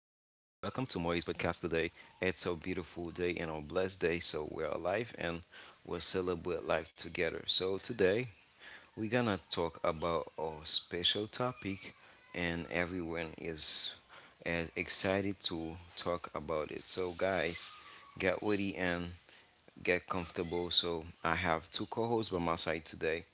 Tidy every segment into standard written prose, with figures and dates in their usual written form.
to Moy's podcast today. It's a beautiful day and a blessed day, so we're alive and we'll celebrate life together. So today we're gonna talk about our special topic, and everyone is as excited to talk about it. So, guys, get ready and get comfortable. So I have two co hosts by my side today.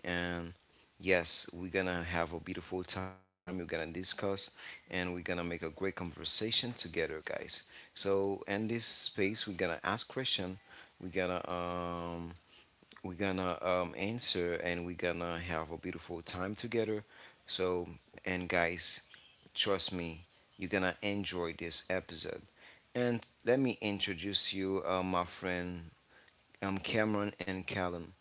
And yes, we're gonna have a beautiful time. We're gonna discuss and we're gonna make a great conversation together, guys. So in this space, we're gonna ask question. We're gonna um, we're gonna answer and we're gonna have a beautiful time together. So and guys, trust me, you're gonna enjoy this episode. And let me introduce you, my friend, Cameron and Callum.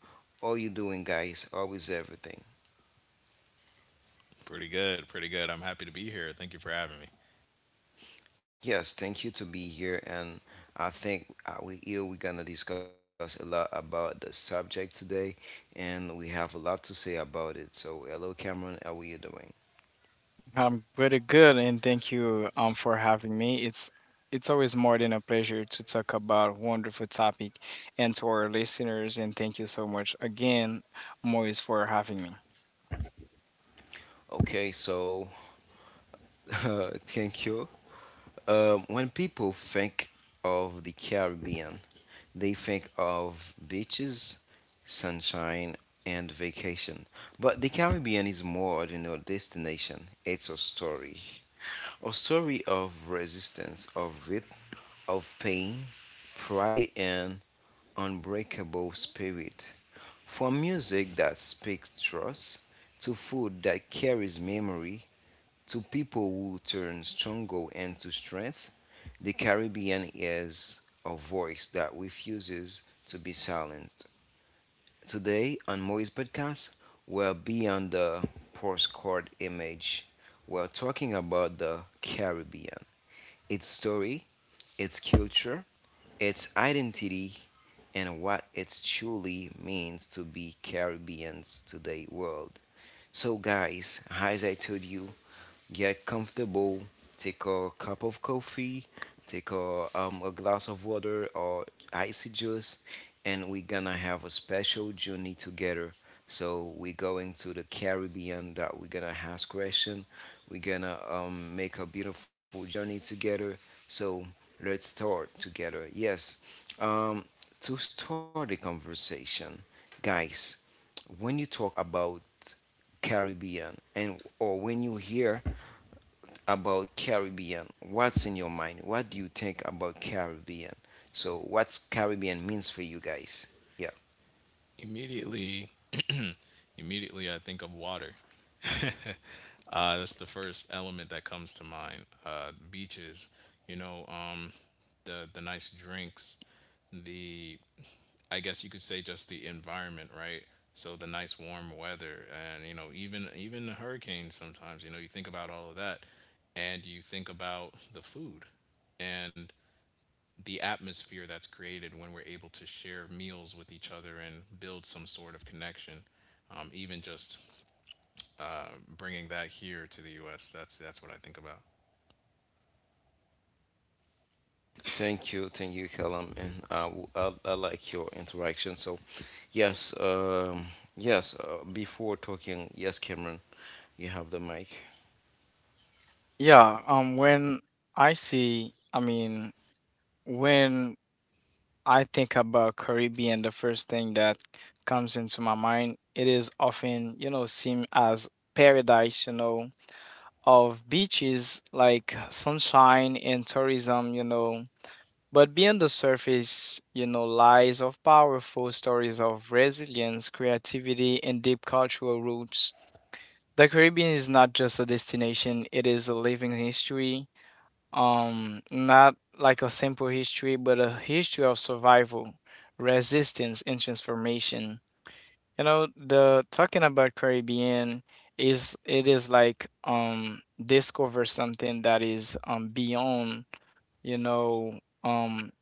How you doing, guys? Always everything. Pretty good, pretty good. I'm happy to be here. Thank you for having me. Yes, thank you to be here, and I think we here we're gonna discuss a lot about the subject today, and we have a lot to say about it. So, hello, Cameron, how are you doing? I'm pretty good, and thank you for having me. It's always more than a pleasure to talk about a wonderful topic and to our listeners, and thank you so much again, Moise, for having me. Okay, so thank you. When people think of the Caribbean, they think of beaches, sunshine, and vacation. But the Caribbean is more than a destination; it's a story. A story of resistance, of wrath, of pain, pride, and unbreakable spirit. From music that speaks trust, to food that carries memory, to people who turn struggle into strength, the Caribbean is a voice that refuses to be silenced. Today on Moise Podcast, we're beyond the postcard image. We're talking about the Caribbean, its story, its culture, its identity, and what it truly means to be Caribbeans to the world. So, guys, as I told you, get comfortable, take a cup of coffee, take a glass of water or icy juice, and we're gonna have a special journey together. So we're going to the Caribbean that we're gonna ask question. We're gonna make a beautiful journey together. So let's start together. Yes. Um, to start the conversation, guys, when you talk about Caribbean and or when you hear about Caribbean. What's in your mind? What do you think about Caribbean? So what Caribbean means for you guys? Yeah. Immediately, immediately, I think of water. That's the first element that comes to mind. Beaches, you know, um, the nice drinks, the I guess you could say just the environment, right? So the nice warm weather, and you know, even even the hurricanes. Sometimes, you know, you think about all of that, and you think about the food, and the atmosphere that's created when we're able to share meals with each other and build some sort of connection. Even just bringing that here to the U.S. That's what I think about. Thank you, Callum, and uh, I like your interaction. So, yes, yes. Before talking, yes, Cameron, you have the mic. Yeah, when I see, I mean, when I think about Caribbean, the first thing that comes into my mind, it is often, you know, seen as paradise, you know, of beaches like sunshine and tourism, you know. But beyond the surface, you know, lies of powerful stories of resilience, creativity, and deep cultural roots. The Caribbean is not just a destination, it is a living history. Not like a simple history, but a history of survival, resistance, and transformation. You know, the talking about Caribbean is it is like discover something that is beyond, you know,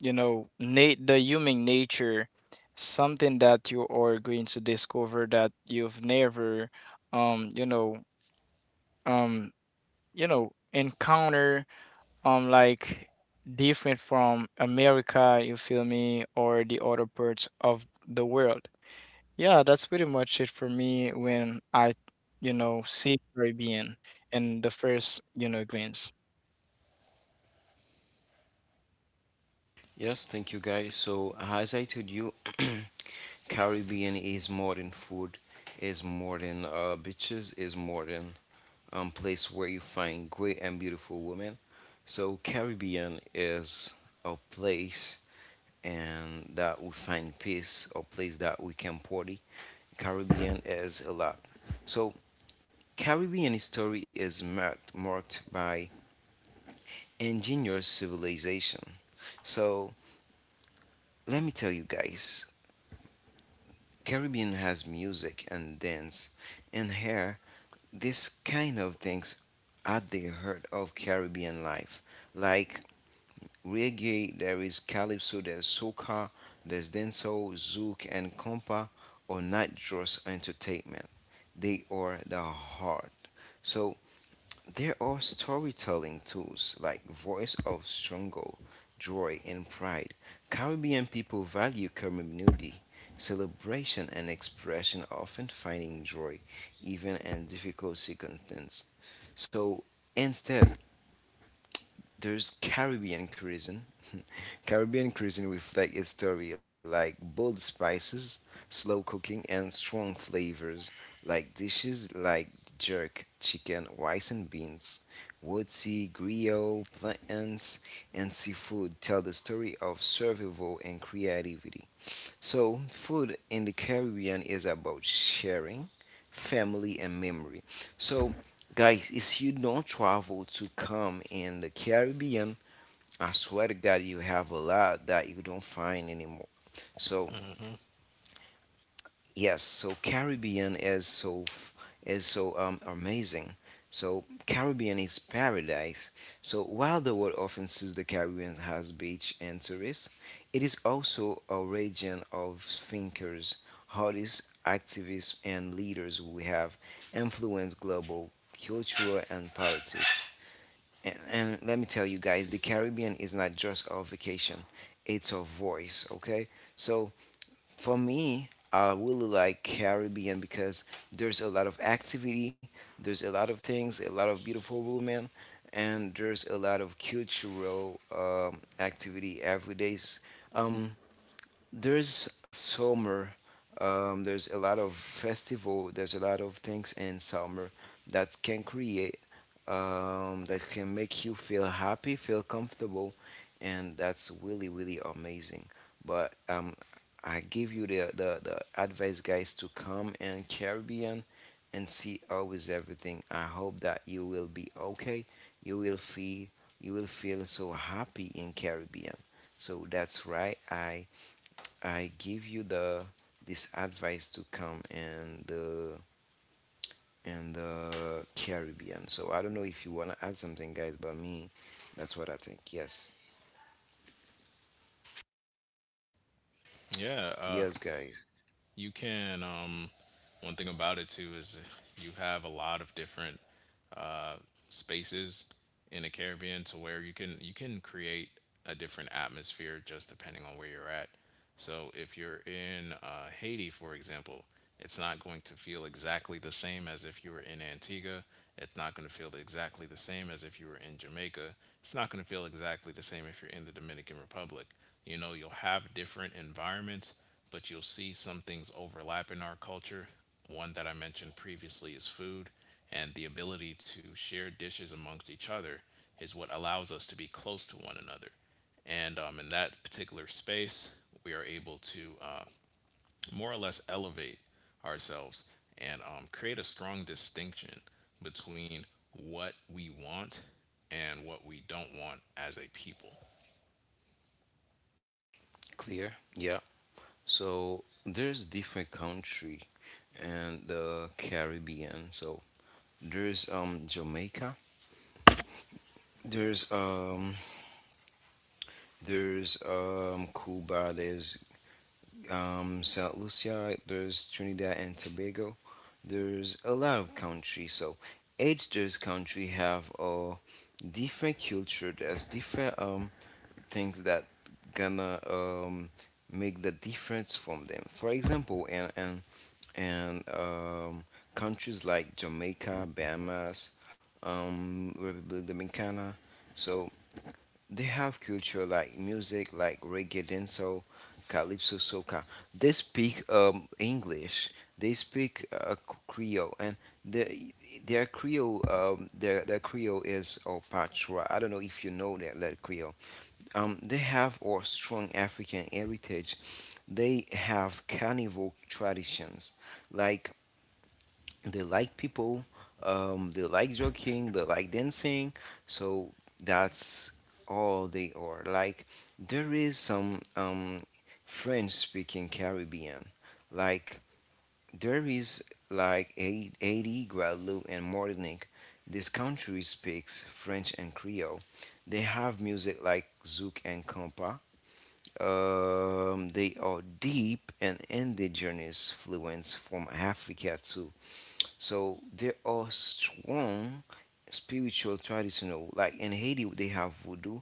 the human nature, something that you are going to discover that you've never um you know um encounter, like different from America, you feel me, or the other parts of the world. Yeah, that's pretty much it for me when I, you know, see Caribbean in the first, you know, glance. Yes, thank you, guys. So, as I told you, Caribbean is more than food, is more than beaches, is more than place where you find great and beautiful women. So Caribbean is a place and that we find peace, a place that we can party. Caribbean is a lot. So Caribbean history is marked by ingenious civilization. So let me tell you guys, Caribbean has music and dance, and here this kind of things at the heart of Caribbean life, like reggae, there is calypso, there's soca, there's dancehall, zouk, and compa are not just entertainment. They are the heart. So there are storytelling tools like voice of struggle, joy, and pride. Caribbean people value community, celebration, and expression, often finding joy even in difficult circumstances. So instead, there's Caribbean cuisine. Caribbean cuisine reflects its story like bold spices, slow cooking, and strong flavors, like dishes like jerk chicken, rice and beans, woodsy, griot, plants, and seafood tell the story of survival and creativity. So food in the Caribbean is about sharing, family, and memory. So, guys, if you don't travel to come in the Caribbean, I swear to God, you have a lot that you don't find anymore. So hmm yes, so Caribbean is is so amazing. So Caribbean is paradise. So while the world often sees the Caribbean as beach and tourists, it is also a region of thinkers, artists, activists, and leaders who have influenced global culture and politics. And, let me tell you guys, the Caribbean is not just a vacation; it's a voice. Okay, so for me, I really like Caribbean because there's a lot of activity, there's a lot of things, a lot of beautiful women, and there's a lot of cultural activity every day. Um, there's summer, there's a lot of festival, there's a lot of things in summer that can create, that can make you feel happy, feel comfortable, and that's really really amazing, but I give you the advice guys to come in caribbean and see always everything. I hope that you will be okay, you will feel, you will feel so happy in caribbean. So that's right, I give you the this advice to come and the Caribbean. So I don't know if you wanna add something, guys, but me, that's what I think. Yes, Yeah, yes, guys. you can. One thing about it too is you have a lot of different uh, spaces in the Caribbean to where you can create a different atmosphere just depending on where you're at. So if you're in Haiti, for example, it's not going to feel exactly the same as if you were in Antigua. It's not going to feel exactly the same as if you were in Jamaica. It's not going to feel exactly the same if you're in the Dominican Republic. You know, you'll have different environments, but you'll see some things overlap in our culture. One that I mentioned previously is food, and the ability to share dishes amongst each other is what allows us to be close to one another and in that particular space, we are able to more or less elevate ourselves and create a strong distinction between what we want and what we don't want as a people. Clear? Yeah. So there's different country and the Caribbean. So there's Jamaica. There's um there's Cuba. There's Saint Lucia, there's Trinidad and Tobago, there's a lot of country. So each those country have a different culture. There's different things that gonna make the difference from them. For example, and countries like Jamaica, Bahamas, Republic Dominicana. So they have culture like music, like reggae, dancehall, calypso, soca. They speak English. They speak Creole, and the their Creole is or Patois. I don't know if you know that that Creole. They have or strong African heritage. They have carnival traditions, like they like people, they like joking, they like dancing, so that's all they are like. There is some, french speaking caribbean, like there is like haiti, guadeloupe, and martinique. This country speaks french and creole. They have music like zouk and compa. They are deep and ended journeys fluence from africa too. So there are strong spiritual traditional like in Haiti they have voodoo.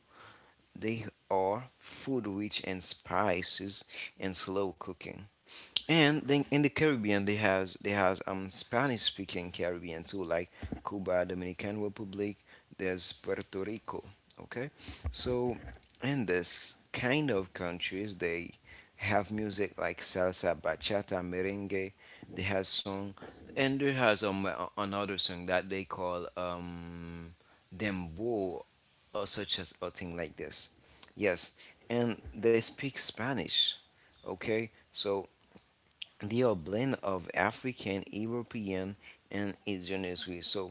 They are food rich and spices and slow cooking. And then in the Caribbean, they has Spanish speaking Caribbean too, like Cuba, Dominican Republic. There's Puerto Rico. Okay, so in this kind of countries, they have music like salsa, bachata, merengue. They has song, and there has another song that they call dembow, or such as a thing like this. Yes, and they speak Spanish. Okay, so they are blend of African, European, and Asian as well. So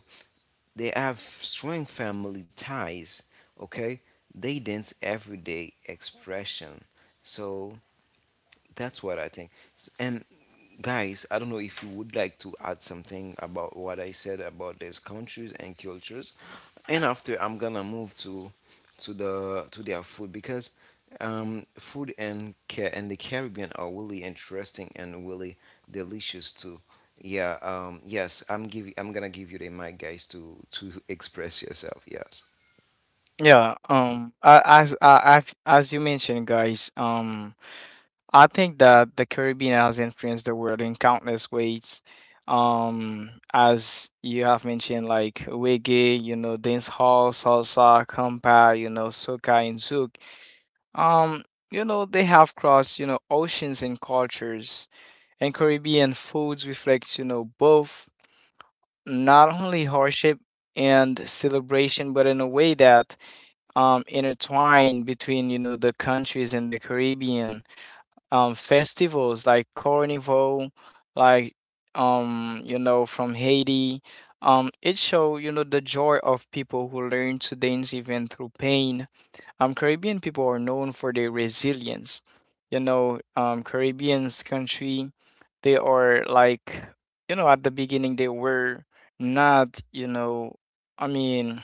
they have strong family ties. Okay, they dance everyday expression. So that's what I think. And guys, I don't know if you would like to add something about what I said about these countries and cultures, and after I'm gonna move to their food because um, food and the Caribbean are really interesting and really delicious too. Yeah, yes, I'm gonna give you the mic, guys, to express yourself. Yes, As you mentioned, guys, I think that the Caribbean has influenced the world in countless ways. As you have mentioned, like reggae, you know, dancehall, salsa, compa, you know, soca, and zouk. Um, you know, they have crossed, you know, oceans and cultures. And Caribbean foods reflects, you know, both not only hardship and celebration, but in a way that intertwine between, you know, the countries in the Caribbean, festivals like carnival, like, you know, from Haiti. It show, you know, the joy of people who learn to dance even through pain. Caribbean people are known for their resilience, you know. Caribbean's country, they are like, you know, at the beginning they were not, you know, I mean,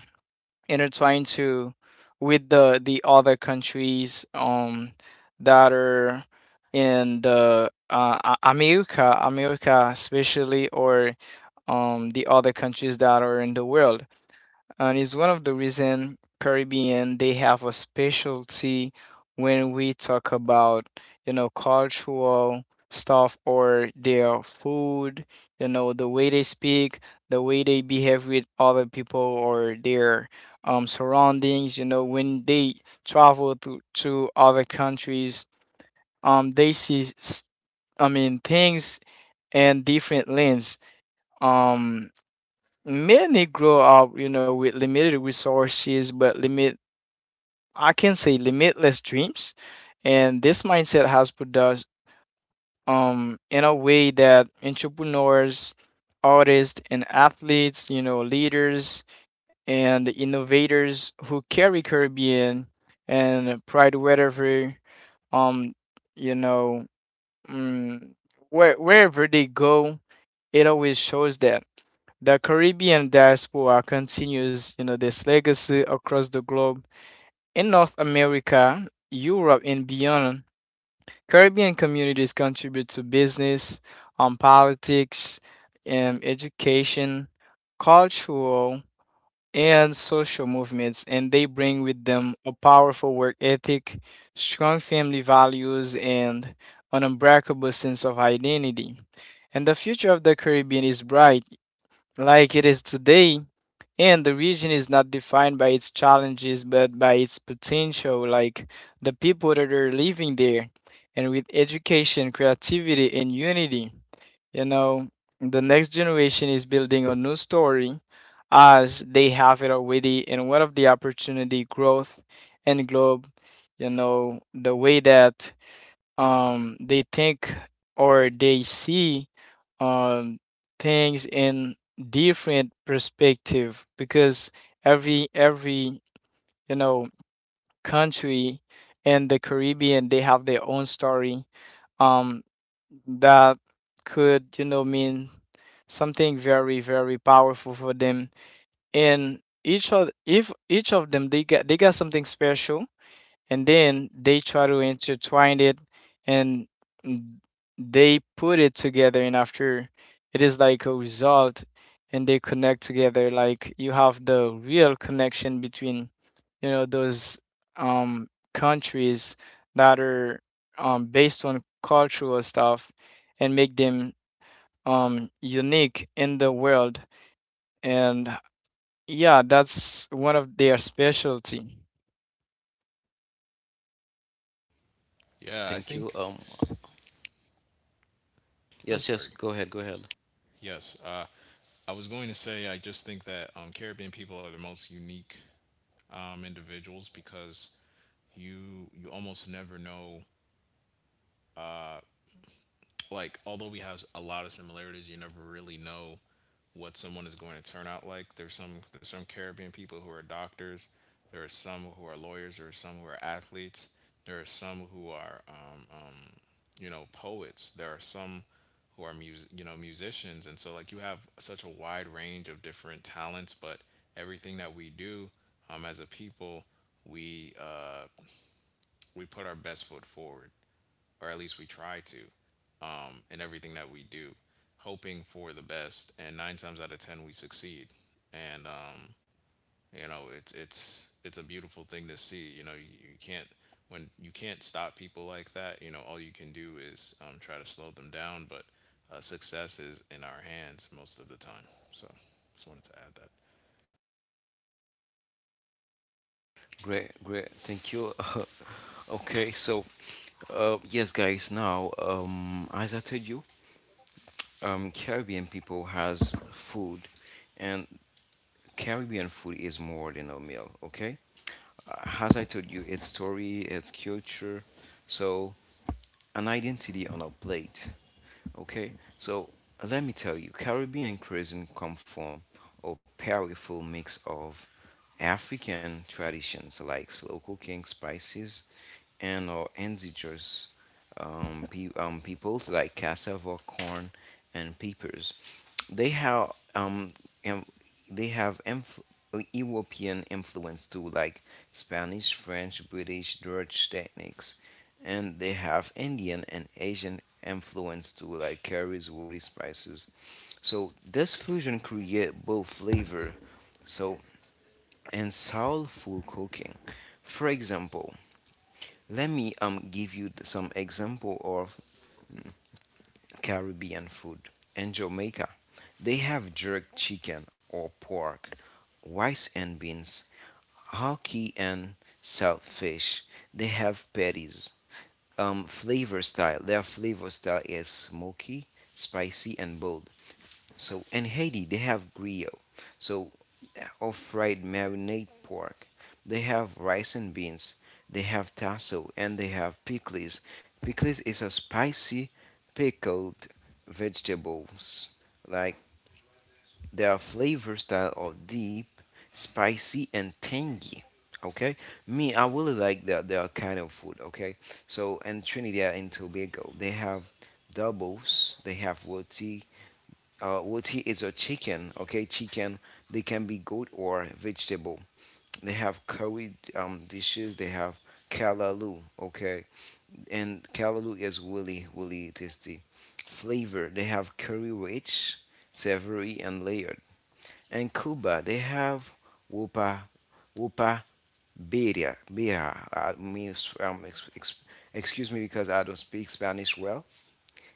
intertwined to with the other countries, that are in the America, America especially, or the other countries that are in the world, and it's one of the reason Caribbean they have a specialty when we talk about, you know, cultural stuff or their food, you know, the way they speak, the way they behave with other people or their surroundings. You know, when they travel to other countries, um they see s- I mean, things in different lens. Um Many grow up, you know, with limited resources, but limit I can say limitless dreams. And this mindset has put us in a way that entrepreneurs, artists and athletes, you know, leaders and innovators who carry Caribbean and pride wherever, um you know mm, wherever they go, it always shows that the Caribbean diaspora continues, you know, this legacy across the globe. In North America, Europe, and beyond, Caribbean communities contribute to business, politics, education, cultural, and social movements, and they bring with them a powerful work ethic, strong family values, and an unbreakable sense of identity. And the future of the Caribbean is bright like it is today. And the region is not defined by its challenges, but by its potential, like the people that are living there. And with education, creativity, and unity, you know, the next generation is building a new story as they have it already. And what of the opportunity, growth, and globe? You know, the way that they think or they see um things in different perspective, because every you know country in the Caribbean they have their own story, um that could, you know, mean something very very powerful for them, and each of if each of them they got something special, and then they try to intertwine it and, mm, they put it together, and after it is like a result, and they connect together, like you have the real connection between, you know, those um countries that are based on cultural stuff, and make them unique in the world. And yeah, that's one of their specialty. Yeah, I thank you. think. I'm Yes, yes, sorry. go ahead, go ahead. Yes, uh, I was going to say I just think that Caribbean people are the most unique individuals because you almost never know like although we have a lot of similarities, you never really know what someone is going to turn out like. There's some Caribbean people who are doctors. There are some who are lawyers. There are some who are athletes. There are some who are you know poets. There are some who are you know musicians. And so like you have such a wide range of different talents, but everything that we do as a people, we uh, we put our best foot forward or at least we try to, in everything that we do, hoping for the best. And nine times out of ten, we succeed. And you know, it's a beautiful thing to see. You know, you can't when you can't stop people like that. You know, all you can do is try to slow them down. But success is in our hands most of the time. So, just wanted to add that. Great, great. Thank you. okay, so yes, guys. Now, as I told you, Caribbean people has food, and Caribbean food is more than a meal. Okay, as I told you, it's story, it's culture, so an identity on a plate. Okay, so let me tell you, Caribbean cuisine come from a powerful mix of African traditions like slow cooking, spices, and or indigenous, um, peoples like cassava, corn, and peppers. They have em- they have inf- European influence too, like Spanish, French, British, Dutch techniques, and they have Indian and Asian influence too, like curries, woody spices. So this fusion create both flavor, so and soulful cooking. For example, let me give you some example of Caribbean food. In Jamaica, they have jerk chicken or pork, rice and beans, hockey, and saltfish. They have patties. Flavor style. Their flavor style is smoky, spicy, and bold. So in Haiti, they have griot. So or fried marinade pork. They have rice and beans. They have tasso and they have pickles. Pickles is a spicy pickled vegetables. Like their flavor style of deep, spicy, and tangy. Okay, me I really like that their kind of food. Okay, so in Trinidad and Tobago they have doubles, they have roti, roti is a chicken, okay? Chicken, they can be goat or vegetable. They have curry dishes, they have kalaloo, okay? And kalaloo is really, really tasty. Flavor, they have curry rich, savory, and layered. And Cuba, they have wupa, wupa birria. I mean, um, ex, ex, excuse me because I don't speak Spanish well,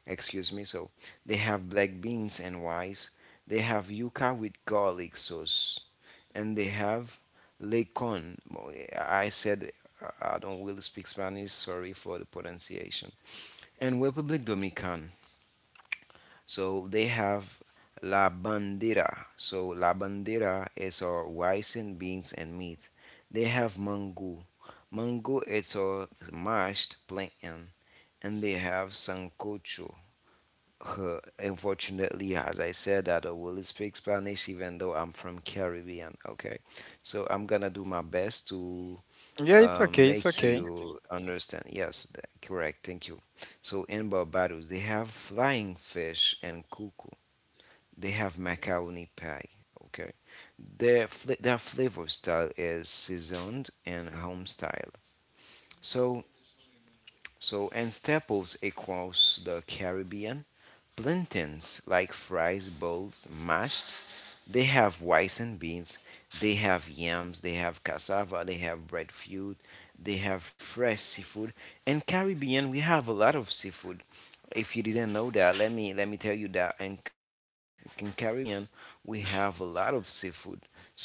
excuse me. So they have black beans and rice. They have yuca with garlic sauce, and they have lecon. Well, I said I don't really speak Spanish. Sorry for the pronunciation. And Republic Dominican. So they have la bandera. So la bandera is our rice and beans and meat. They have mango. Mango is our mashed plantain, and they have sancocho. Unfortunately, as I said, I don't really speak Spanish, even though I'm from Caribbean. Okay, so I'm gonna do my best to Yeah, it's okay, it's make okay. you understand. Yes, correct. Thank you. So in Barbados, they have flying fish and cuckoo. They have macaroni pie. Okay, their flavor style is seasoned and home style. So so and staples across the Caribbean. Plantains like fries, both mashed. They have rice and beans. They have yams. They have cassava. They have breadfruit. They have fresh seafood. And Caribbean, we have a lot of seafood. If you didn't know that, let me tell you that. In Caribbean, we have a lot of seafood. So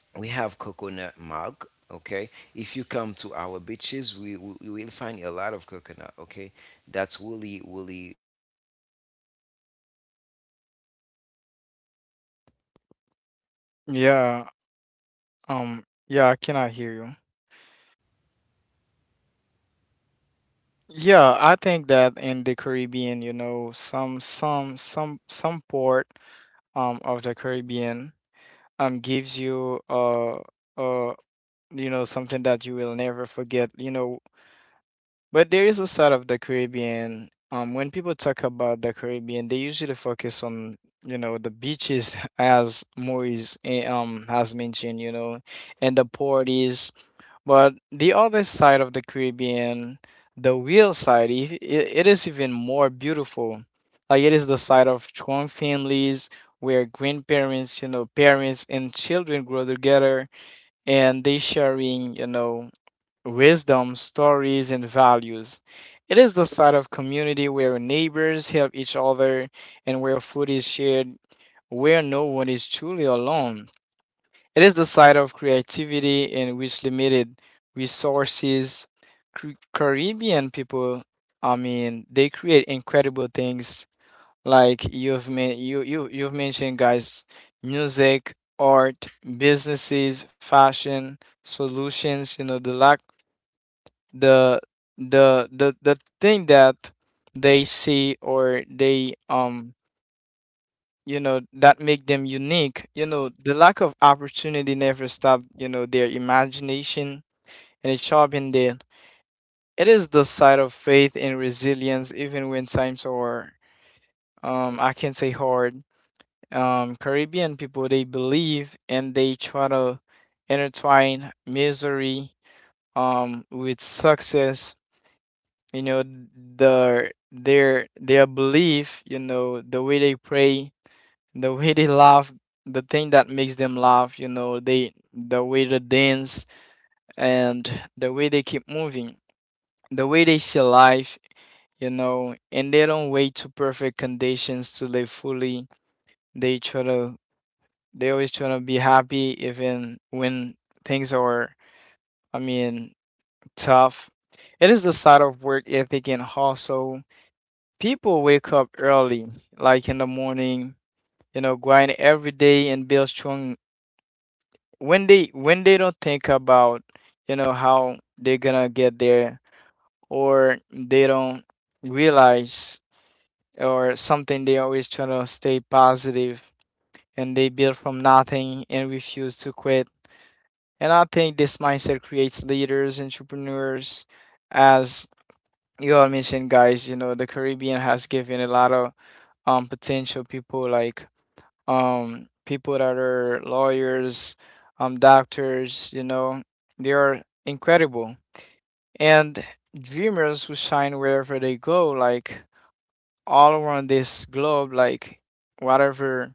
we have coconut milk. Okay, if you come to our beaches, we will find a lot of coconut. Okay, that's really really really um. Yes, so yes, that's really important, Yeah. and so Yeah, I cannot hear you. so yes, Yeah, I think that in the Caribbean, you know, some port of the Caribbean gives you uh you know something that you will never forget, you know. But there is a side of the Caribbean. When people talk about the Caribbean, they usually focus on, you know, the beaches, as Maurice, has mentioned, you know, and the port is. But the other side of the Caribbean, the real side, it is even more beautiful. Like it is the side of strong families, where grandparents, you know, parents and children grow together, and they sharing, you know, wisdom, stories and values. It is the side of community where neighbors help each other and where food is shared, where no one is truly alone. It is the side of creativity in which limited resources, Caribbean people, I mean, they create incredible things, like you, you've mentioned, guys, music, art, businesses, fashion, solutions, you know, the the thing that they see, or they, you know, that make them unique, you know, the lack of opportunity never stopped, you know, their imagination, and it sharpened them. It is the side of faith and resilience, even when times are, I can say, hard. Caribbean people, they believe, and they try to intertwine misery with success, you know. The their belief, you know, the way they pray, the way they laugh, the thing that makes them laugh, you know, the way they dance, and the way they keep moving, the way they see life, you know, and they don't wait to perfect conditions to live fully. They try to, they always try to be happy even when things are, I mean, tough. It is the side of work ethic and hustle. People wake up early, like in the morning, you know, grind every day and build strong when they, don't think about, you know, how they're gonna get there, or they don't realize or something, they always trying to stay positive, and they build from nothing and refuse to quit. And I think this mindset creates leaders, entrepreneurs, as you all mentioned, guys. You know, the Caribbean has given a lot of potential people, like people that are lawyers, doctors, you know. They are incredible and dreamers who shine wherever they go, like all around this globe, like whatever,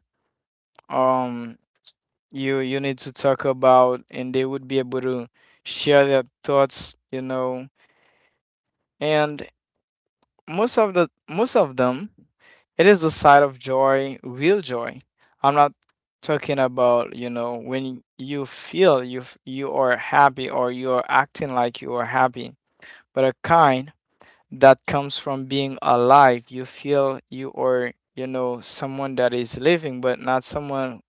um you need to talk about, and they would be able to share their thoughts, you know. And most of them, it is the side of joy, real joy. I'm not talking about, you know, when you feel you, you are happy, or you are acting like you are happy, but a kind that comes from being alive, you feel you are, you know, someone that is living, but not someone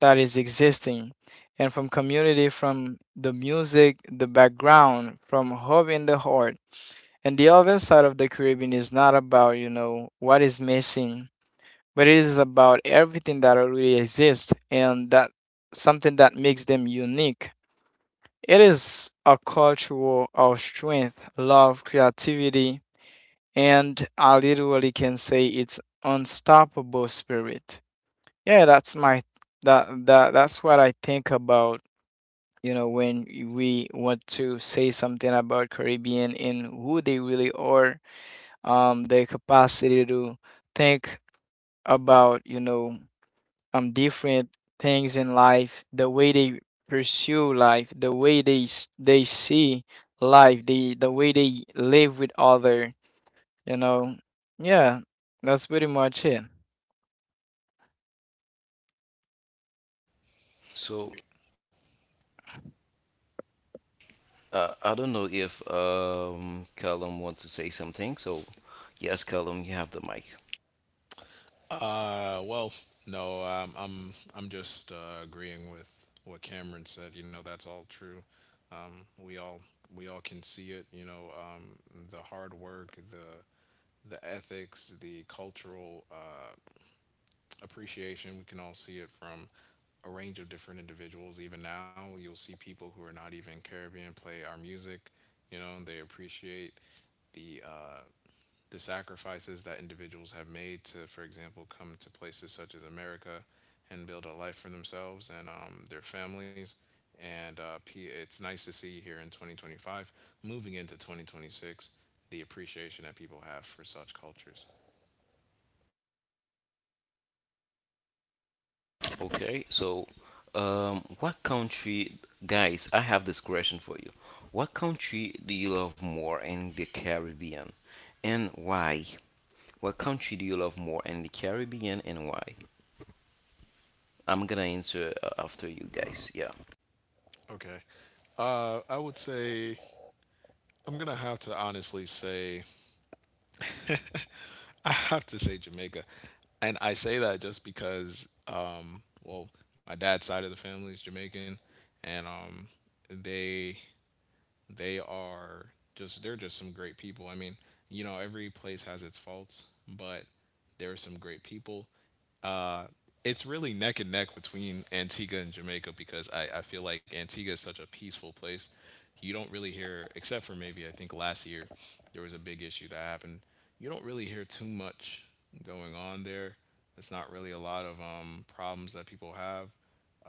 that is existing, and from community, from the music, the background, from hobby and the heart. And the other side of the Caribbean is not about, you know, what is missing, but it is about everything that already exists, and that something that makes them unique. It is a cultural of strength, love, creativity, and I literally can say it's unstoppable spirit. Yeah, that's what I think about, you know, when we want to say something about Caribbean and who they really are, their capacity to think about, you know, different things in life, the way they pursue life, the way they they see life, the way they live with other, you know. Yeah, that's pretty much it. Well, no, I'm just agreeing with what Cameron said. You know, that's all true. Um, we all we all can see it. You know, the hard work, the ethics, the cultural appreciation. We can all see it from a range of different individuals. Even now, you'll see people who are not even Caribbean play our music. You know, and they appreciate the uh, the sacrifices that individuals have made to, for example, come to places such as America and build a life for themselves and their families. And it's nice to see here in 2025, moving into 2026, the appreciation that people have for such cultures. Okay. I would say I'm gonna have to honestly say I have to say Jamaica, and I say that just because, well, my dad's side of the family is Jamaican, and they they are just They're just some great people. I mean, you know, every place has its faults, but there are some great people. It's really neck and neck between Antigua and Jamaica because I feel like Antigua is such a peaceful place. You don't really hear, except for maybe I think last year there was a big issue that happened. You don't really hear too much going on there. It's not really a lot of problems that people have.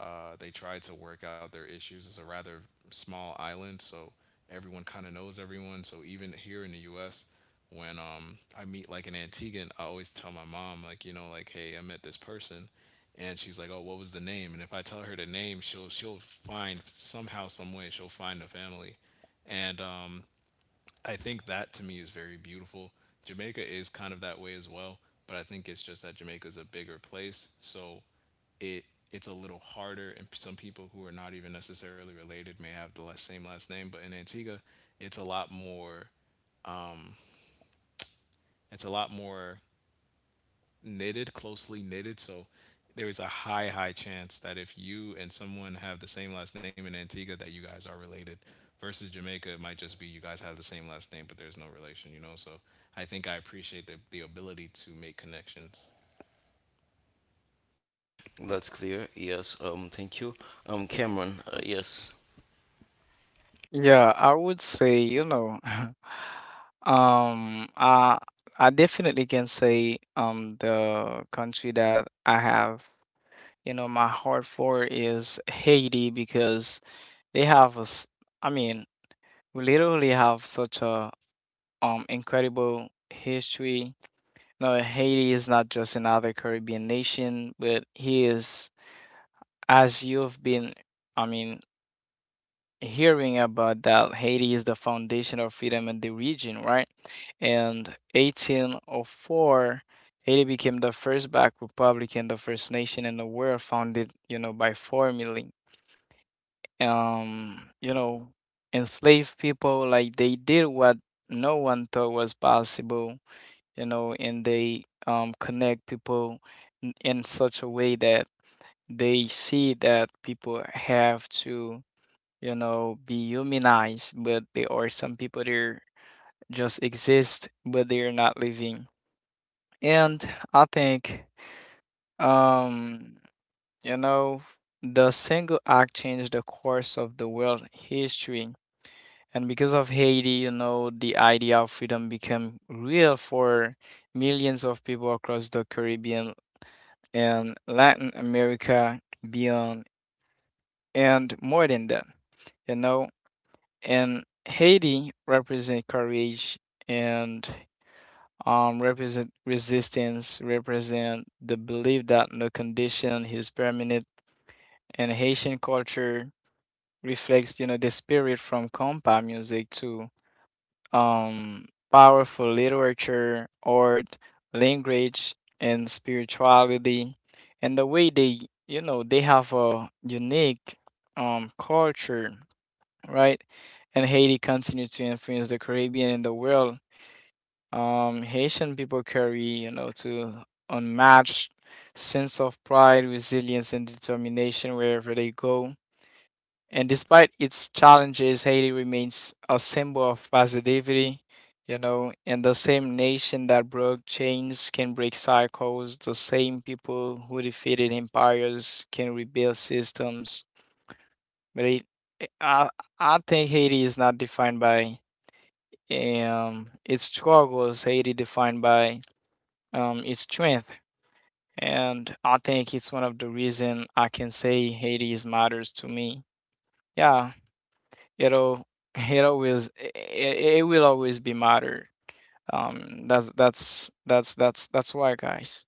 They try to work out their issues. It's a rather small island, so everyone kind of knows everyone. So even here in the U.S., when I meet like an Antiguan, I always tell my mom like you know like hey I met this person, and she's like oh what was the name? And if I tell her the name, she'll find somehow some way she'll find the family, and I think that to me is very beautiful. Jamaica is kind of that way as well, but I think it's just that Jamaica's a bigger place, so it it's a little harder and some people who are not even necessarily related may have the same last name but in Antigua it's a lot more um, it's a lot more knitted, closely knitted, so there is a high chance that if you and someone have the same last name in Antigua that you guys are related versus Jamaica it might just be you guys have the same last name but there's no relation, you know, so I think I appreciate the ability to make connections. Yeah, I would say, you know, um, I I definitely can say the country that I have, you know, my heart for is Haiti, because they have a, I mean, we literally have such a incredible history. No, Haiti is not just another Caribbean nation, but he is, as you've been, I mean, hearing about, that Haiti is the foundation of freedom in the region, right? And 1804, Haiti became the first Black republic and the first nation in the world founded, you know, by formally, you know, enslaved people. Like they did what no one thought was possible, you know, and they, connect people in such a way that they see that people have to, you know, be humanized, but there are some people that just exist, but they're not living. And I think, um, you know, the single act changed the course of the world history. And because of Haiti, the idea of freedom became real for millions of people across the Caribbean and Latin America beyond, and more than that, you know. And Haiti represent courage and represent resistance, represent the belief that no condition is permanent. And Haitian culture reflects, the spirit from compa music to um, powerful literature, art, language, and spirituality. And the way they have a unique culture, right? And Haiti continues to influence the Caribbean and the world. Haitian people carry, to unmatched sense of pride, resilience, and determination wherever they go. And despite its challenges, Haiti remains a symbol of positivity, and the same nation that broke chains can break cycles, the same people who defeated empires can rebuild systems. But it, I, I think Haiti is not defined by its struggle, is highly defined by its strength, and I think it's one of the reason I can say Haiti is matters to me. Yeah, it'll it will always be matter. That's why, guys.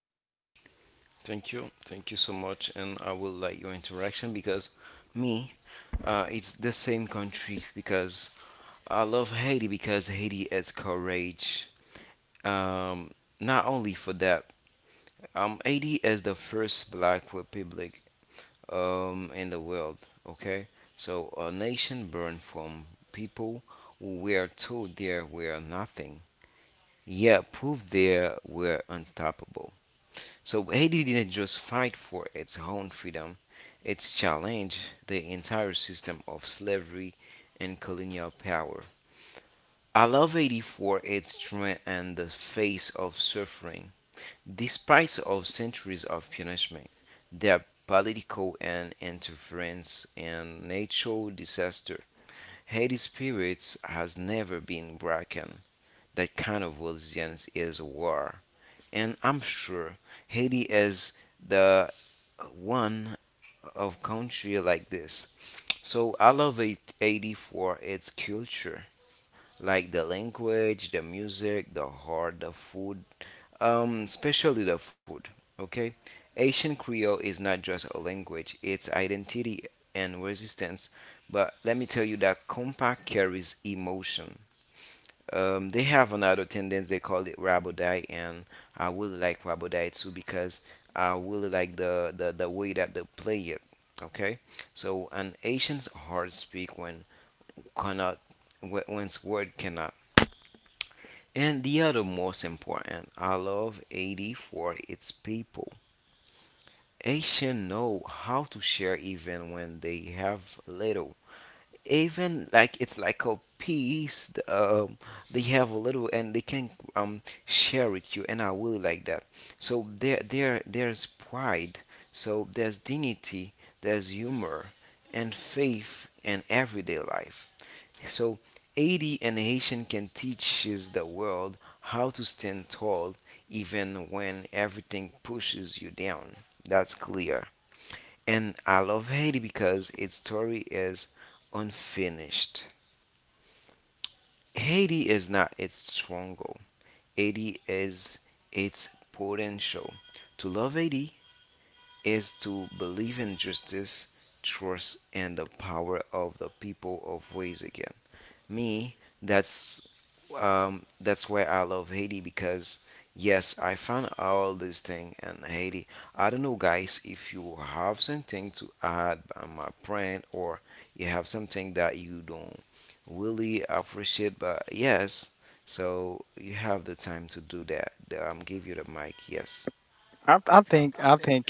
I think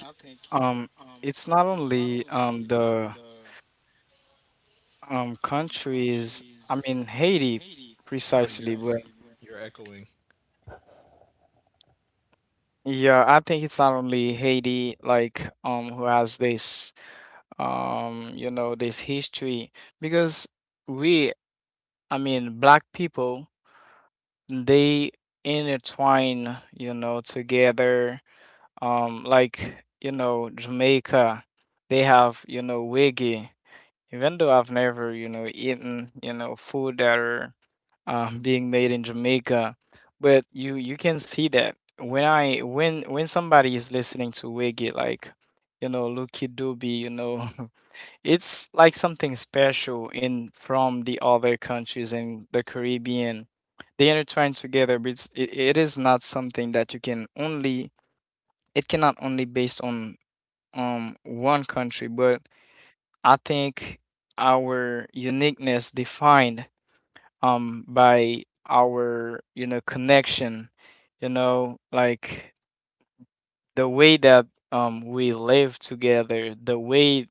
um it's not only the countries, I mean Haiti uh, you're precisely, but you're echoing. yeah, I think it's not only Haiti, like who has this you know this history, because we I mean black people, they intertwine you know together, like Jamaica, they have Wiggy. Even though I've never, eaten, food that are being made in Jamaica, but you can see that when I when somebody is listening to Wiggy, like, you know, Lucky Doobie, you know, it's like something special in from the other countries in the Caribbean. They intertwine together, but it is not something that you can only, it cannot only based on one country. But I think our uniqueness defined by our you know connection, you know, like the way that we live together, the way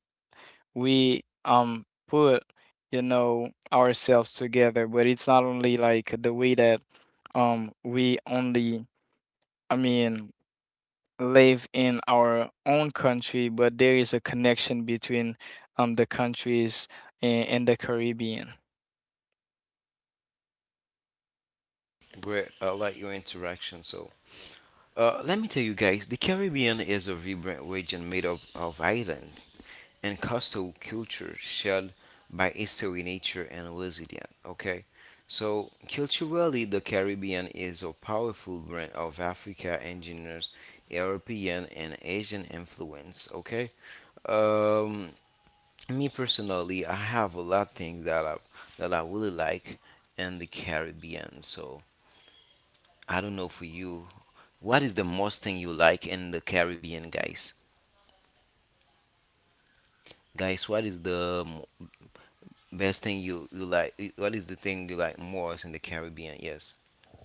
we put you know ourselves together. But it's not only like the way that we only I mean live in our own country, but there is a connection between the countries in the Caribbean.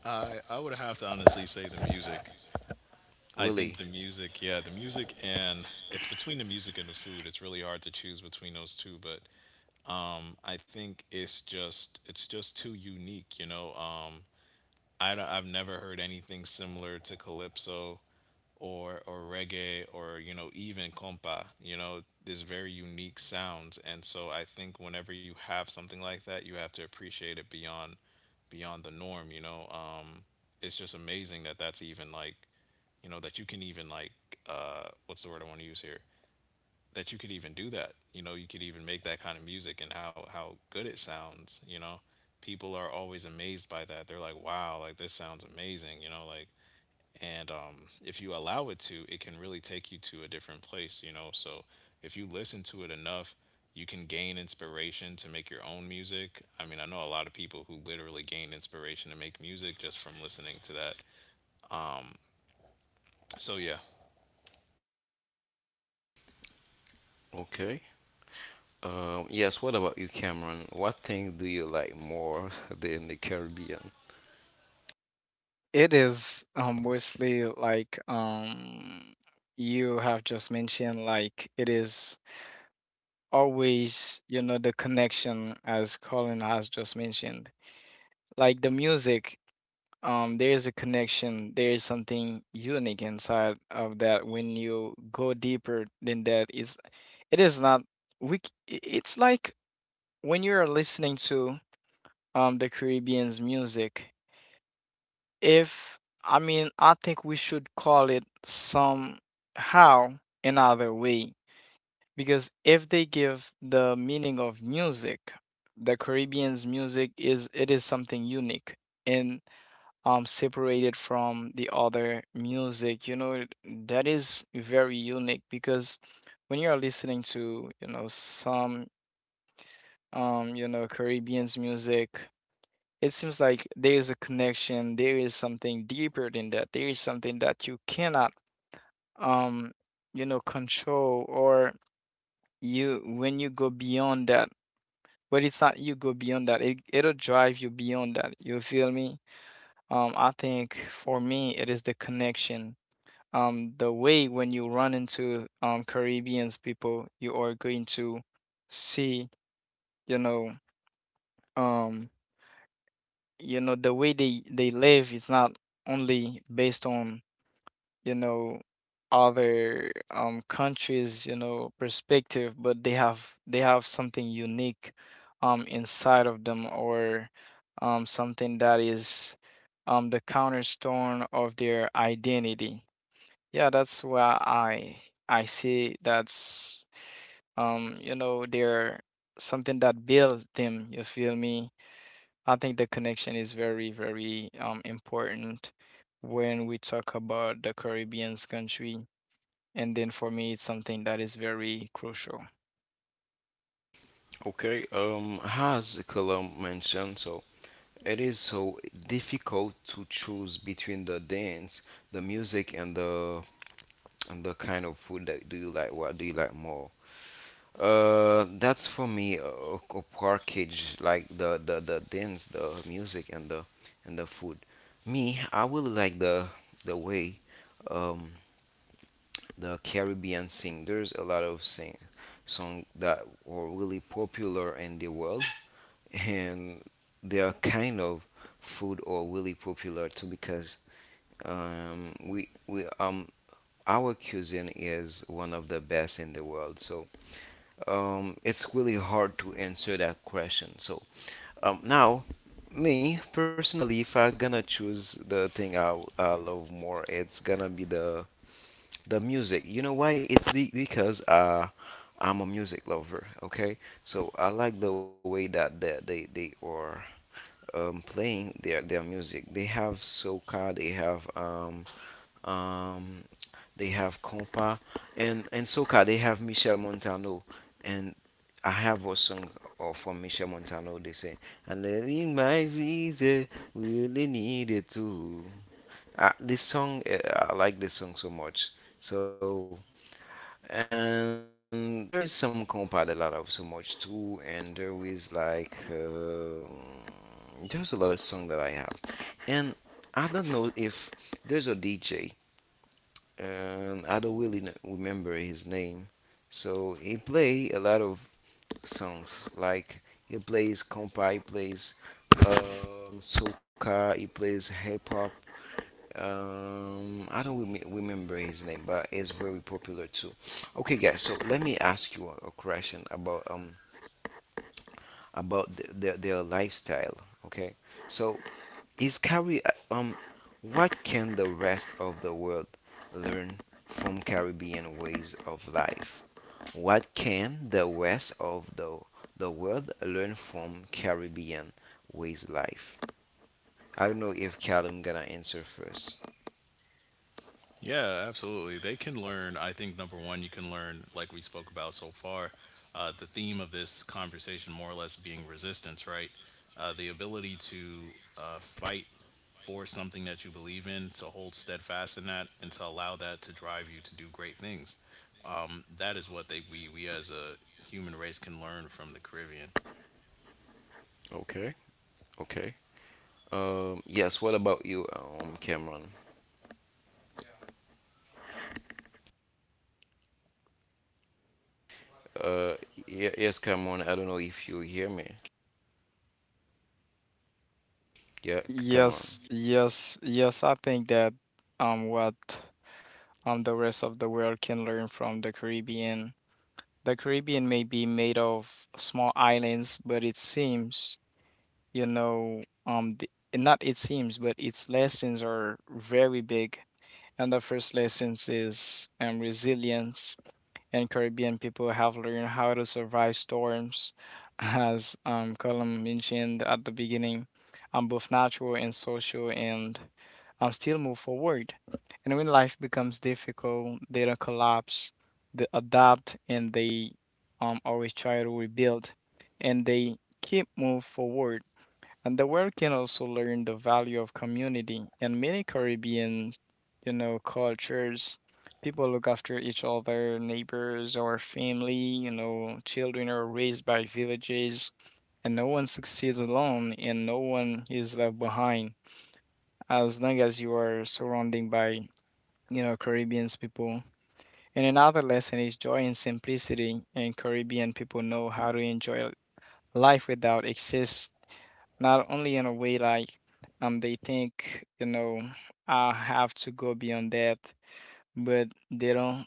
I would have to honestly say the music. I think the music, yeah, the music and it's between the music and the food. It's really hard to choose between those two, but I think it's just too unique, you know. I have never heard anything similar to calypso or reggae or you know even compa. You know, there's very unique sounds, and so I think whenever you have something like that, you have to appreciate it beyond beyond the norm. You know, it's just amazing that that's even like you know that you can even like what's the word I want to use here, that you could even do that, you know, you could even make that kind of music and how good it sounds, you know, people are always amazed by that, they're like wow like this sounds amazing, you know, like and if you allow it to it can really take you to a different place, you know, so if you listen to it enough you can gain inspiration to make your own music. I mean, I know a lot of people who literally gain inspiration to make music just from listening to that. Um, so yeah, It is mostly like, you have just mentioned, like it is always you know the connection, as Colin has just mentioned. Like the music, there is a connection, there is something unique inside of that. When you go deeper than that, is it is not, it's like when you are listening to the Caribbean's music. If, I mean, I think we should call it somehow another way, because if they give the meaning of music, the Caribbean's music is, it is something unique and separated from the other music. You know, it- that is very unique because when you're listening to, you know, some you know, Caribbean's music, it seems like there is a connection, there is something deeper than that. There is something that you cannot um you know control, or you when you go beyond that. But it's not you go beyond that, It it'll drive you beyond that. You feel me? I think for me it is the connection. The way when you run into Caribbeans people, you are going to see, you know, um you know the way they live is not only based on, you know, other countries, you know, perspective, but they have, they have something unique inside of them, or something that is the cornerstone of their identity. Yeah, that's why I see that's you know they're something that builds them. You feel me? I think the connection is very, very important when we talk about the Caribbean's country, and then for me it's something that is very crucial. Yeah, absolutely. They can learn. I think number one, you can learn, like we spoke about so far, the theme of this conversation, more or less, being resistance, right? The ability to fight for something that you believe in, to hold steadfast in that, and to allow that to drive you to do great things. That is what they we as a human race can learn from the Caribbean. Yes, yes, yes, I think that what the rest of the world can learn from the Caribbean, the Caribbean may be made of small islands, but it seems, you know um the, not it seems, but its lessons are very big. And the first lessons is resilience, and Caribbean people have learned how to survive storms, as Colin mentioned at the beginning, both natural and social, and still move forward. And when life becomes difficult, they don't collapse, they adapt, and they always try to rebuild, and they keep move forward. And the world can also learn the value of community. In many Caribbean, you know, cultures, people look after each other, neighbors or family, you know, children are raised by villages, and no one succeeds alone and no one is left behind, as long as you are surrounded by, you know, Caribbean's people. And another lesson is joy and simplicity, and Caribbean people know how to enjoy life without exists, not only in a way like they think, you know, I have to go beyond that, but they don't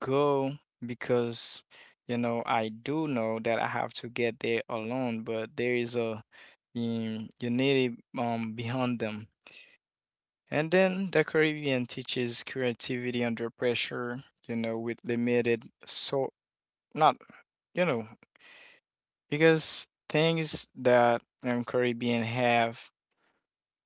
go, because, you know, I do know that I have to get there alone, but there is a unity behind them. And then the Caribbean teaches creativity under pressure, you know, with limited, so not, you know, because things that Caribbean have,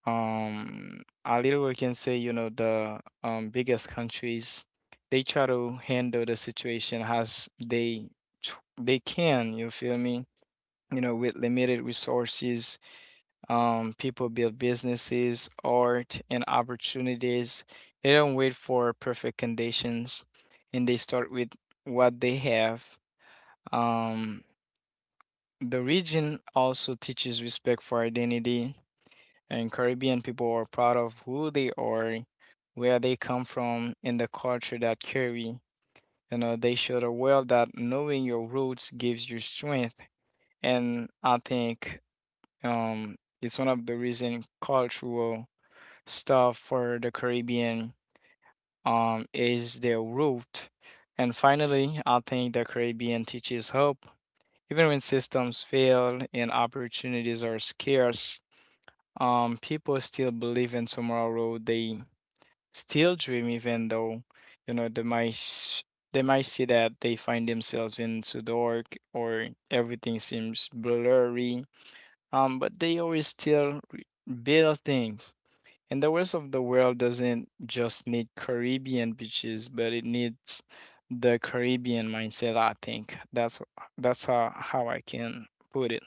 a little, we can say, you know, the biggest countries, they try to handle the situation as they they can. You feel me? You know, with limited resources, people build businesses, art, and opportunities. They don't wait for perfect conditions, and they start with what they have. Um, The region also teaches respect for identity, and Caribbean people are proud of who they are, where they come from, and the culture that carry. You know, they show the world that knowing your roots gives you strength. And I think um, it's one of the reason cultural stuff for the Caribbean is their root. And finally, I think the Caribbean teaches hope, even when systems fail and opportunities are scarce, people still believe in tomorrow. They still dream, even though, you know, they might see that they find themselves in so dark or everything seems blurry. But they always still build things. And the rest of the world doesn't just need Caribbean beaches, but it needs the Caribbean mindset. I think that's how I can put it.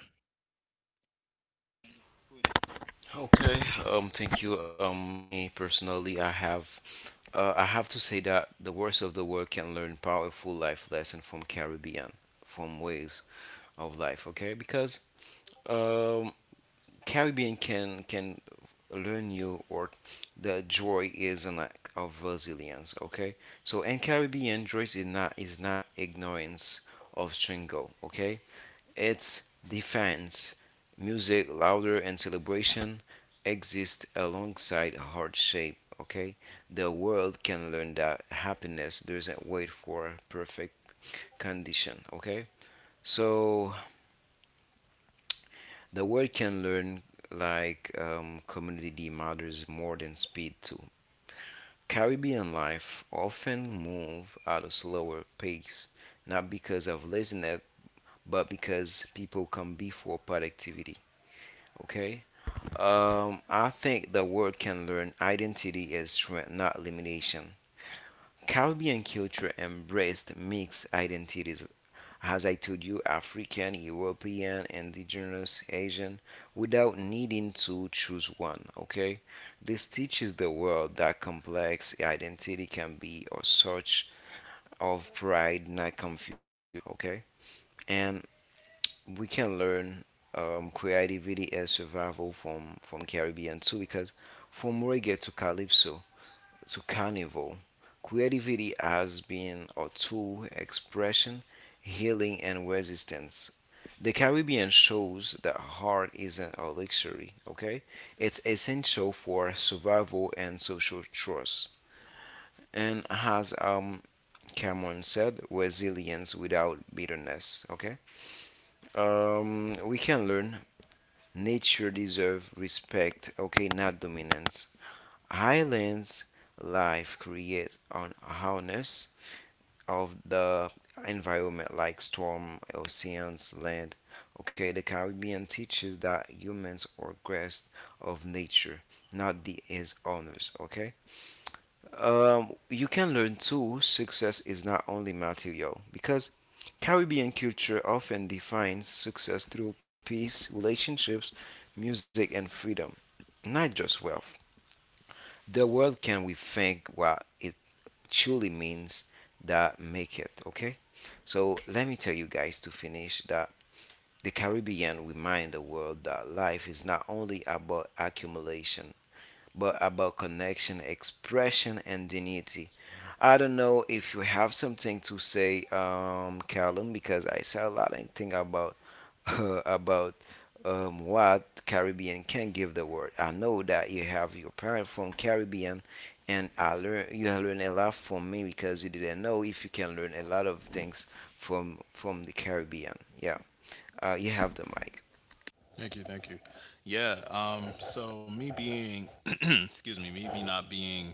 Thank you, thank you. Yeah. So me being, excuse me, me be not being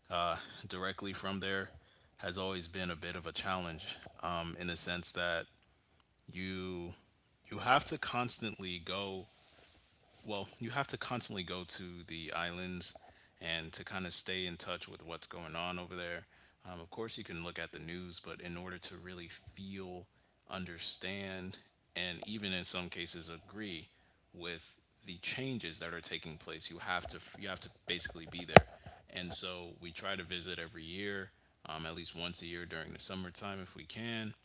uh, directly from there has always been a bit of a challenge in the sense that you you have to constantly go well, you have to constantly go to the islands and to kind of stay in touch with what's going on over there. Of course, you can look at the news, but in order to really feel, understand, and even in some cases agree with the changes that are taking place, you have to basically be there. And so we try to visit every year, at least once a year during the summertime if we can.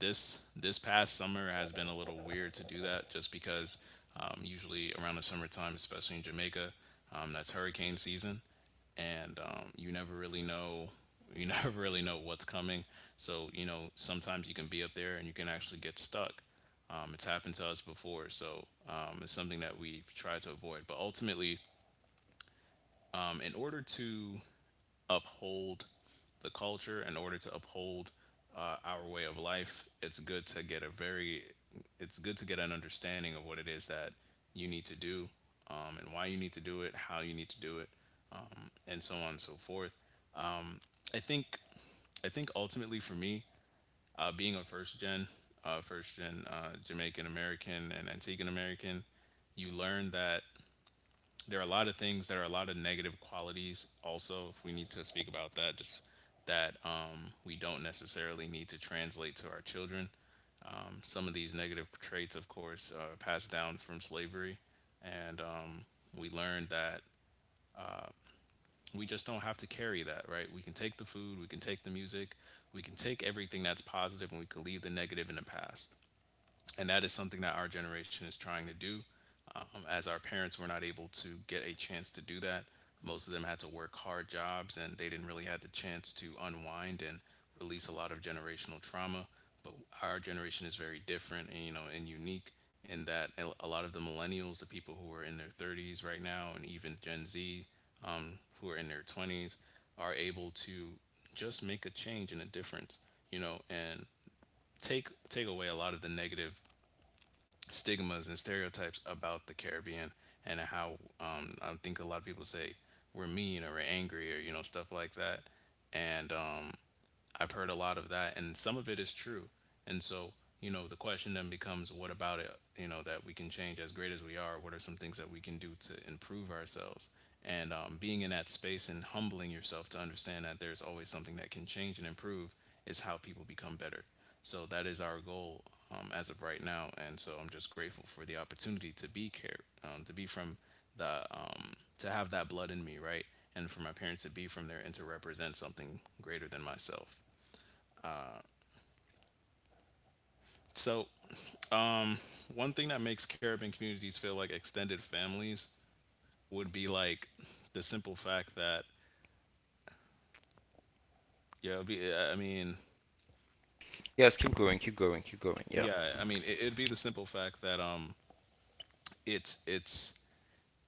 This past summer has been a little weird to do that just because usually around the summertime, especially in Jamaica, that's hurricane season, and you never really know you never really know what's coming. So you know sometimes you can be up there and you can actually get stuck. It's happened to us before, so it's something that we've tried to avoid. But ultimately, in order to uphold the culture, in order to uphold our way of life, it's good to get an understanding of what it is that you need to do, and why you need to do it, how you need to do it, and so on and so forth. I think, I think ultimately for me, being a first gen Jamaican American and Antiguan American, you learn that there are a lot of things that are a lot of negative qualities also, if we need to speak about that, just that we don't necessarily need to translate to our children. Some of these negative traits of course are passed down from slavery, and we learned that we just don't have to carry that, right? We can take the food, we can take the music, we can take everything that's positive, and we can leave the negative in the past. And that is something that our generation is trying to do. As our parents were not able to get a chance to do that, most of them had to work hard jobs and they didn't really have the chance to unwind and release a lot of generational trauma. But our generation is very different, and, you know, and unique, in that lot of the millennials, the people who are in their 30s right now, and even Gen Z, who are in their 20s, are able to just make a change and a difference, you know, and take away a lot of the negative stigmas and stereotypes about the Caribbean. And how, I think a lot of people say we're mean or we're angry, or, you know, stuff like that. And I've heard a lot of that, and some of it is true. And so, you know, the question then becomes, what about it, you know, that we can change as great as we are? What are some things that we can do to improve ourselves? And being in that space and humbling yourself to understand that there's always something that can change and improve is how people become better. So that is our goal as of right now. And so I'm just grateful for the opportunity to to be from the, um, to have that blood in me, right? And for my parents to be from there and to represent something greater than myself. So, one thing that makes Caribbean communities feel like extended families would be like the simple fact that yeah, it'd be, I mean, yeah, I mean, it, it'd be the simple fact that it's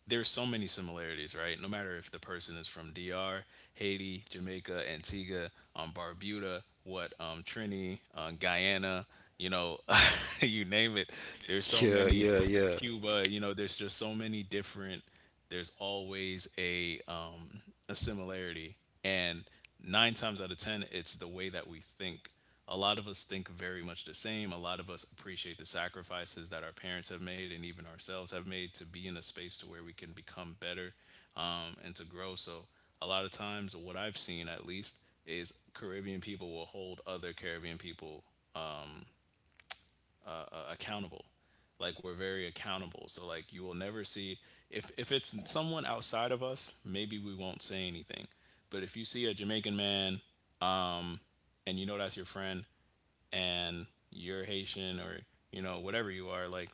there's so many similarities, right? No matter if the person is from DR, Haiti, Jamaica, Antigua, Barbuda, what Trini, Guyana, you know, you name it. There's so many, Cuba, you know, there's just so many different, there's always a similarity, and nine times out of ten it's the way that we think. A lot of us think very much the same. A lot of us appreciate the sacrifices that our parents have made, and even ourselves have made, to be in a space to where we can become better, and to grow. So a lot of times what I've seen, at least, is Caribbean people will hold other Caribbean people accountable. Like, we're very accountable. So like, you will never see, if it's someone outside of us, maybe we won't say anything. But if you see a Jamaican man and you know that's your friend, and you're Haitian or, you know, whatever you are, like,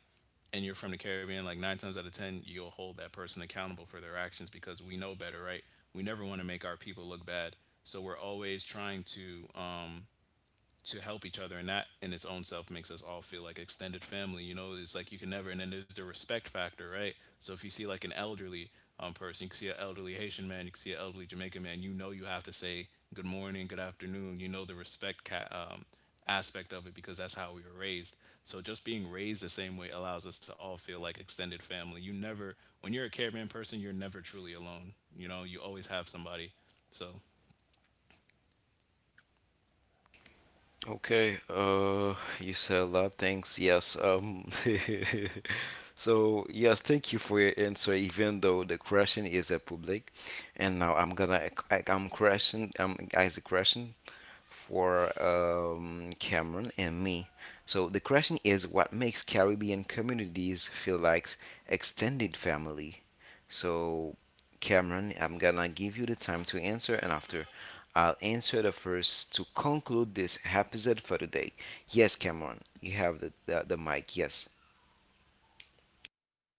and you're from the Caribbean, like nine times out of ten you'll hold that person accountable for their actions, because we know better, right? We never want to make our people look bad. So we're always trying to help each other, and that in its own self makes us all feel like extended family. You know, it's like you can never, and then there's the respect factor, right? So if you see like an elderly person, you can see an elderly Haitian man, you can see an elderly Jamaican man, you know you have to say good morning, good afternoon. You know, the aspect of it, because that's how we were raised. So just being raised the same way allows us to all feel like extended family. You never, when you're a Caveman person, you're never truly alone. You know, you always have somebody. So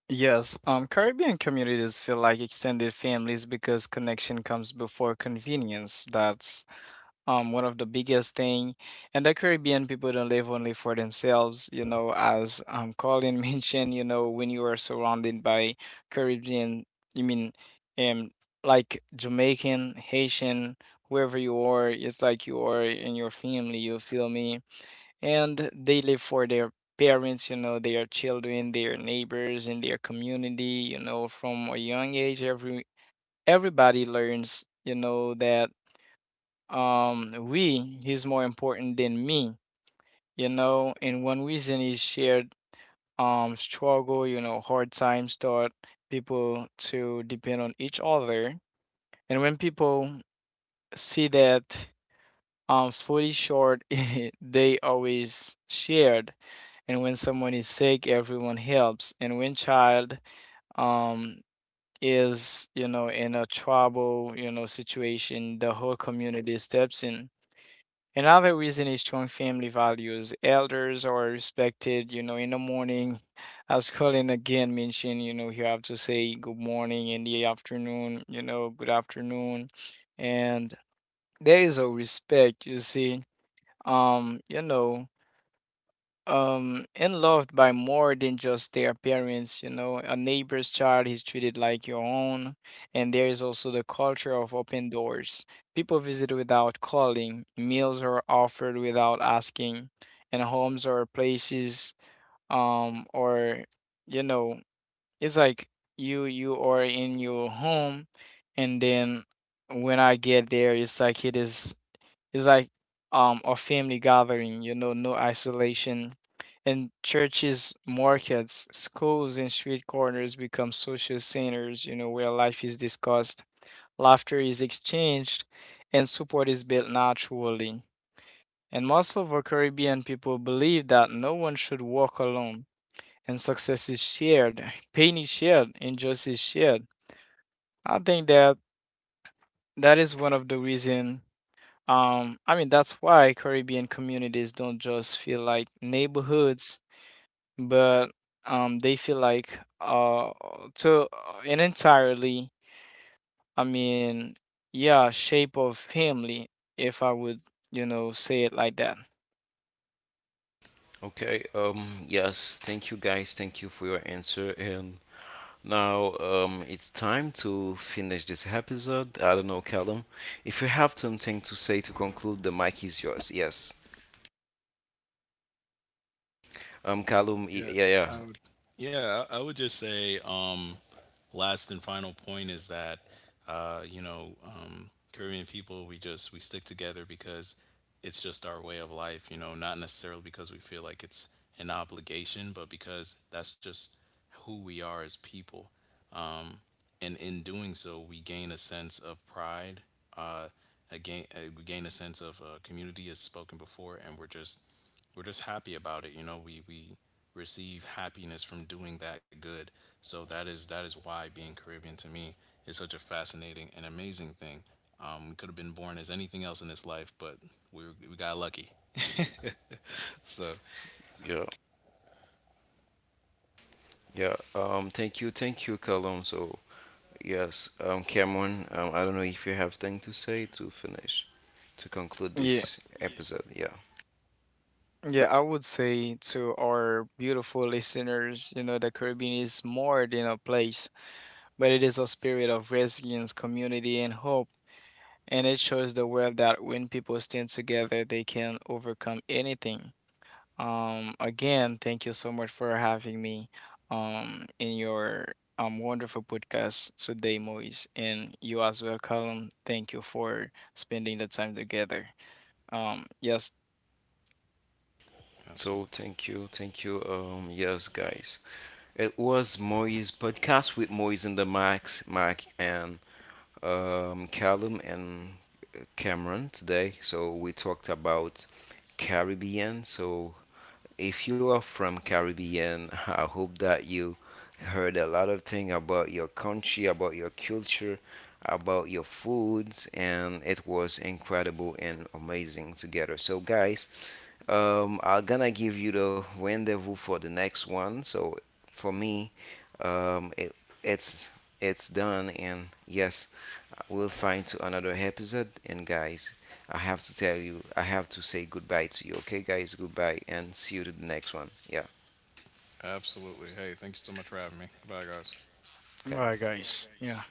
Yes, Caribbean communities feel like extended families because connection comes before convenience. That's one of the biggest thing. And the Caribbean people don't live only for themselves. You know, as Colin mentioned, you know, when you are surrounded by Caribbean, you mean, um, like Jamaican, Haitian, wherever you are, it's like you are in your family. You feel me? And they live for their parents, you know, their children, their neighbors in their community. You know, from a young age, everybody learns, you know, that we is more important than me. You know, and one reason is shared struggle. You know, hard times taught people to depend on each other. And when people see that, food is short, they always shared. And when someone is sick, everyone helps. And when child um is, you know, in a trouble, you know, situation, the whole community steps in. Another reason is strong family values. Elders are respected, you know, in the morning. As Colin again mentioned, you know, you have to say good morning, in the afternoon, you know, good afternoon. And there is a respect, you see, um you know and loved by more than just their parents. You know, a neighbor's child is treated like your own. And there is also the culture of open doors, people visit without calling, meals are offered without asking, and homes or places, or you know, it's like you are in your home. And then when I get there, it's like it is, it's like a family gathering, you know, no isolation. And churches, markets, schools, and street corners become social centers, you know, where life is discussed, laughter is exchanged, and support is built naturally. And most of our Caribbean people believe that no one should walk alone, and success is shared, pain is shared, and justice is shared. I think that that is one of the reasons. I mean, that's why Caribbean communities don't just feel like neighborhoods, but they feel like to an entirely, I mean, yeah, shape of family, if I would, you know, say it like that. yeah, I would. Yeah, I would just say, last and final point is that, you know, Caribbean people, we just we stick together because it's just our way of life. You know, not necessarily because we feel like it's an obligation, but because that's just who we are as people. Um, and in doing so we gain a sense of pride, uh again we gain a sense of community, as spoken before, and we're just, we're just happy about it. You know, we receive happiness from doing that good. So that is, that is why being Caribbean to me is such a fascinating and amazing thing. We could have been born as anything else in this life, but we, we got lucky. So Yeah, yeah, I would say to our beautiful listeners, you know, the Caribbean is more than a place, but it is a spirit of resilience, community, and hope. And it shows the world that when people stand together, they can overcome anything. Again, thank you so much for having me in your wonderful podcast today, Moise, and you as well, Colum. Thank you for spending the time together. Yes, absolutely, absolutely, hey, thank you so much for having me. Goodbye, guys. bye, guys. Yeah.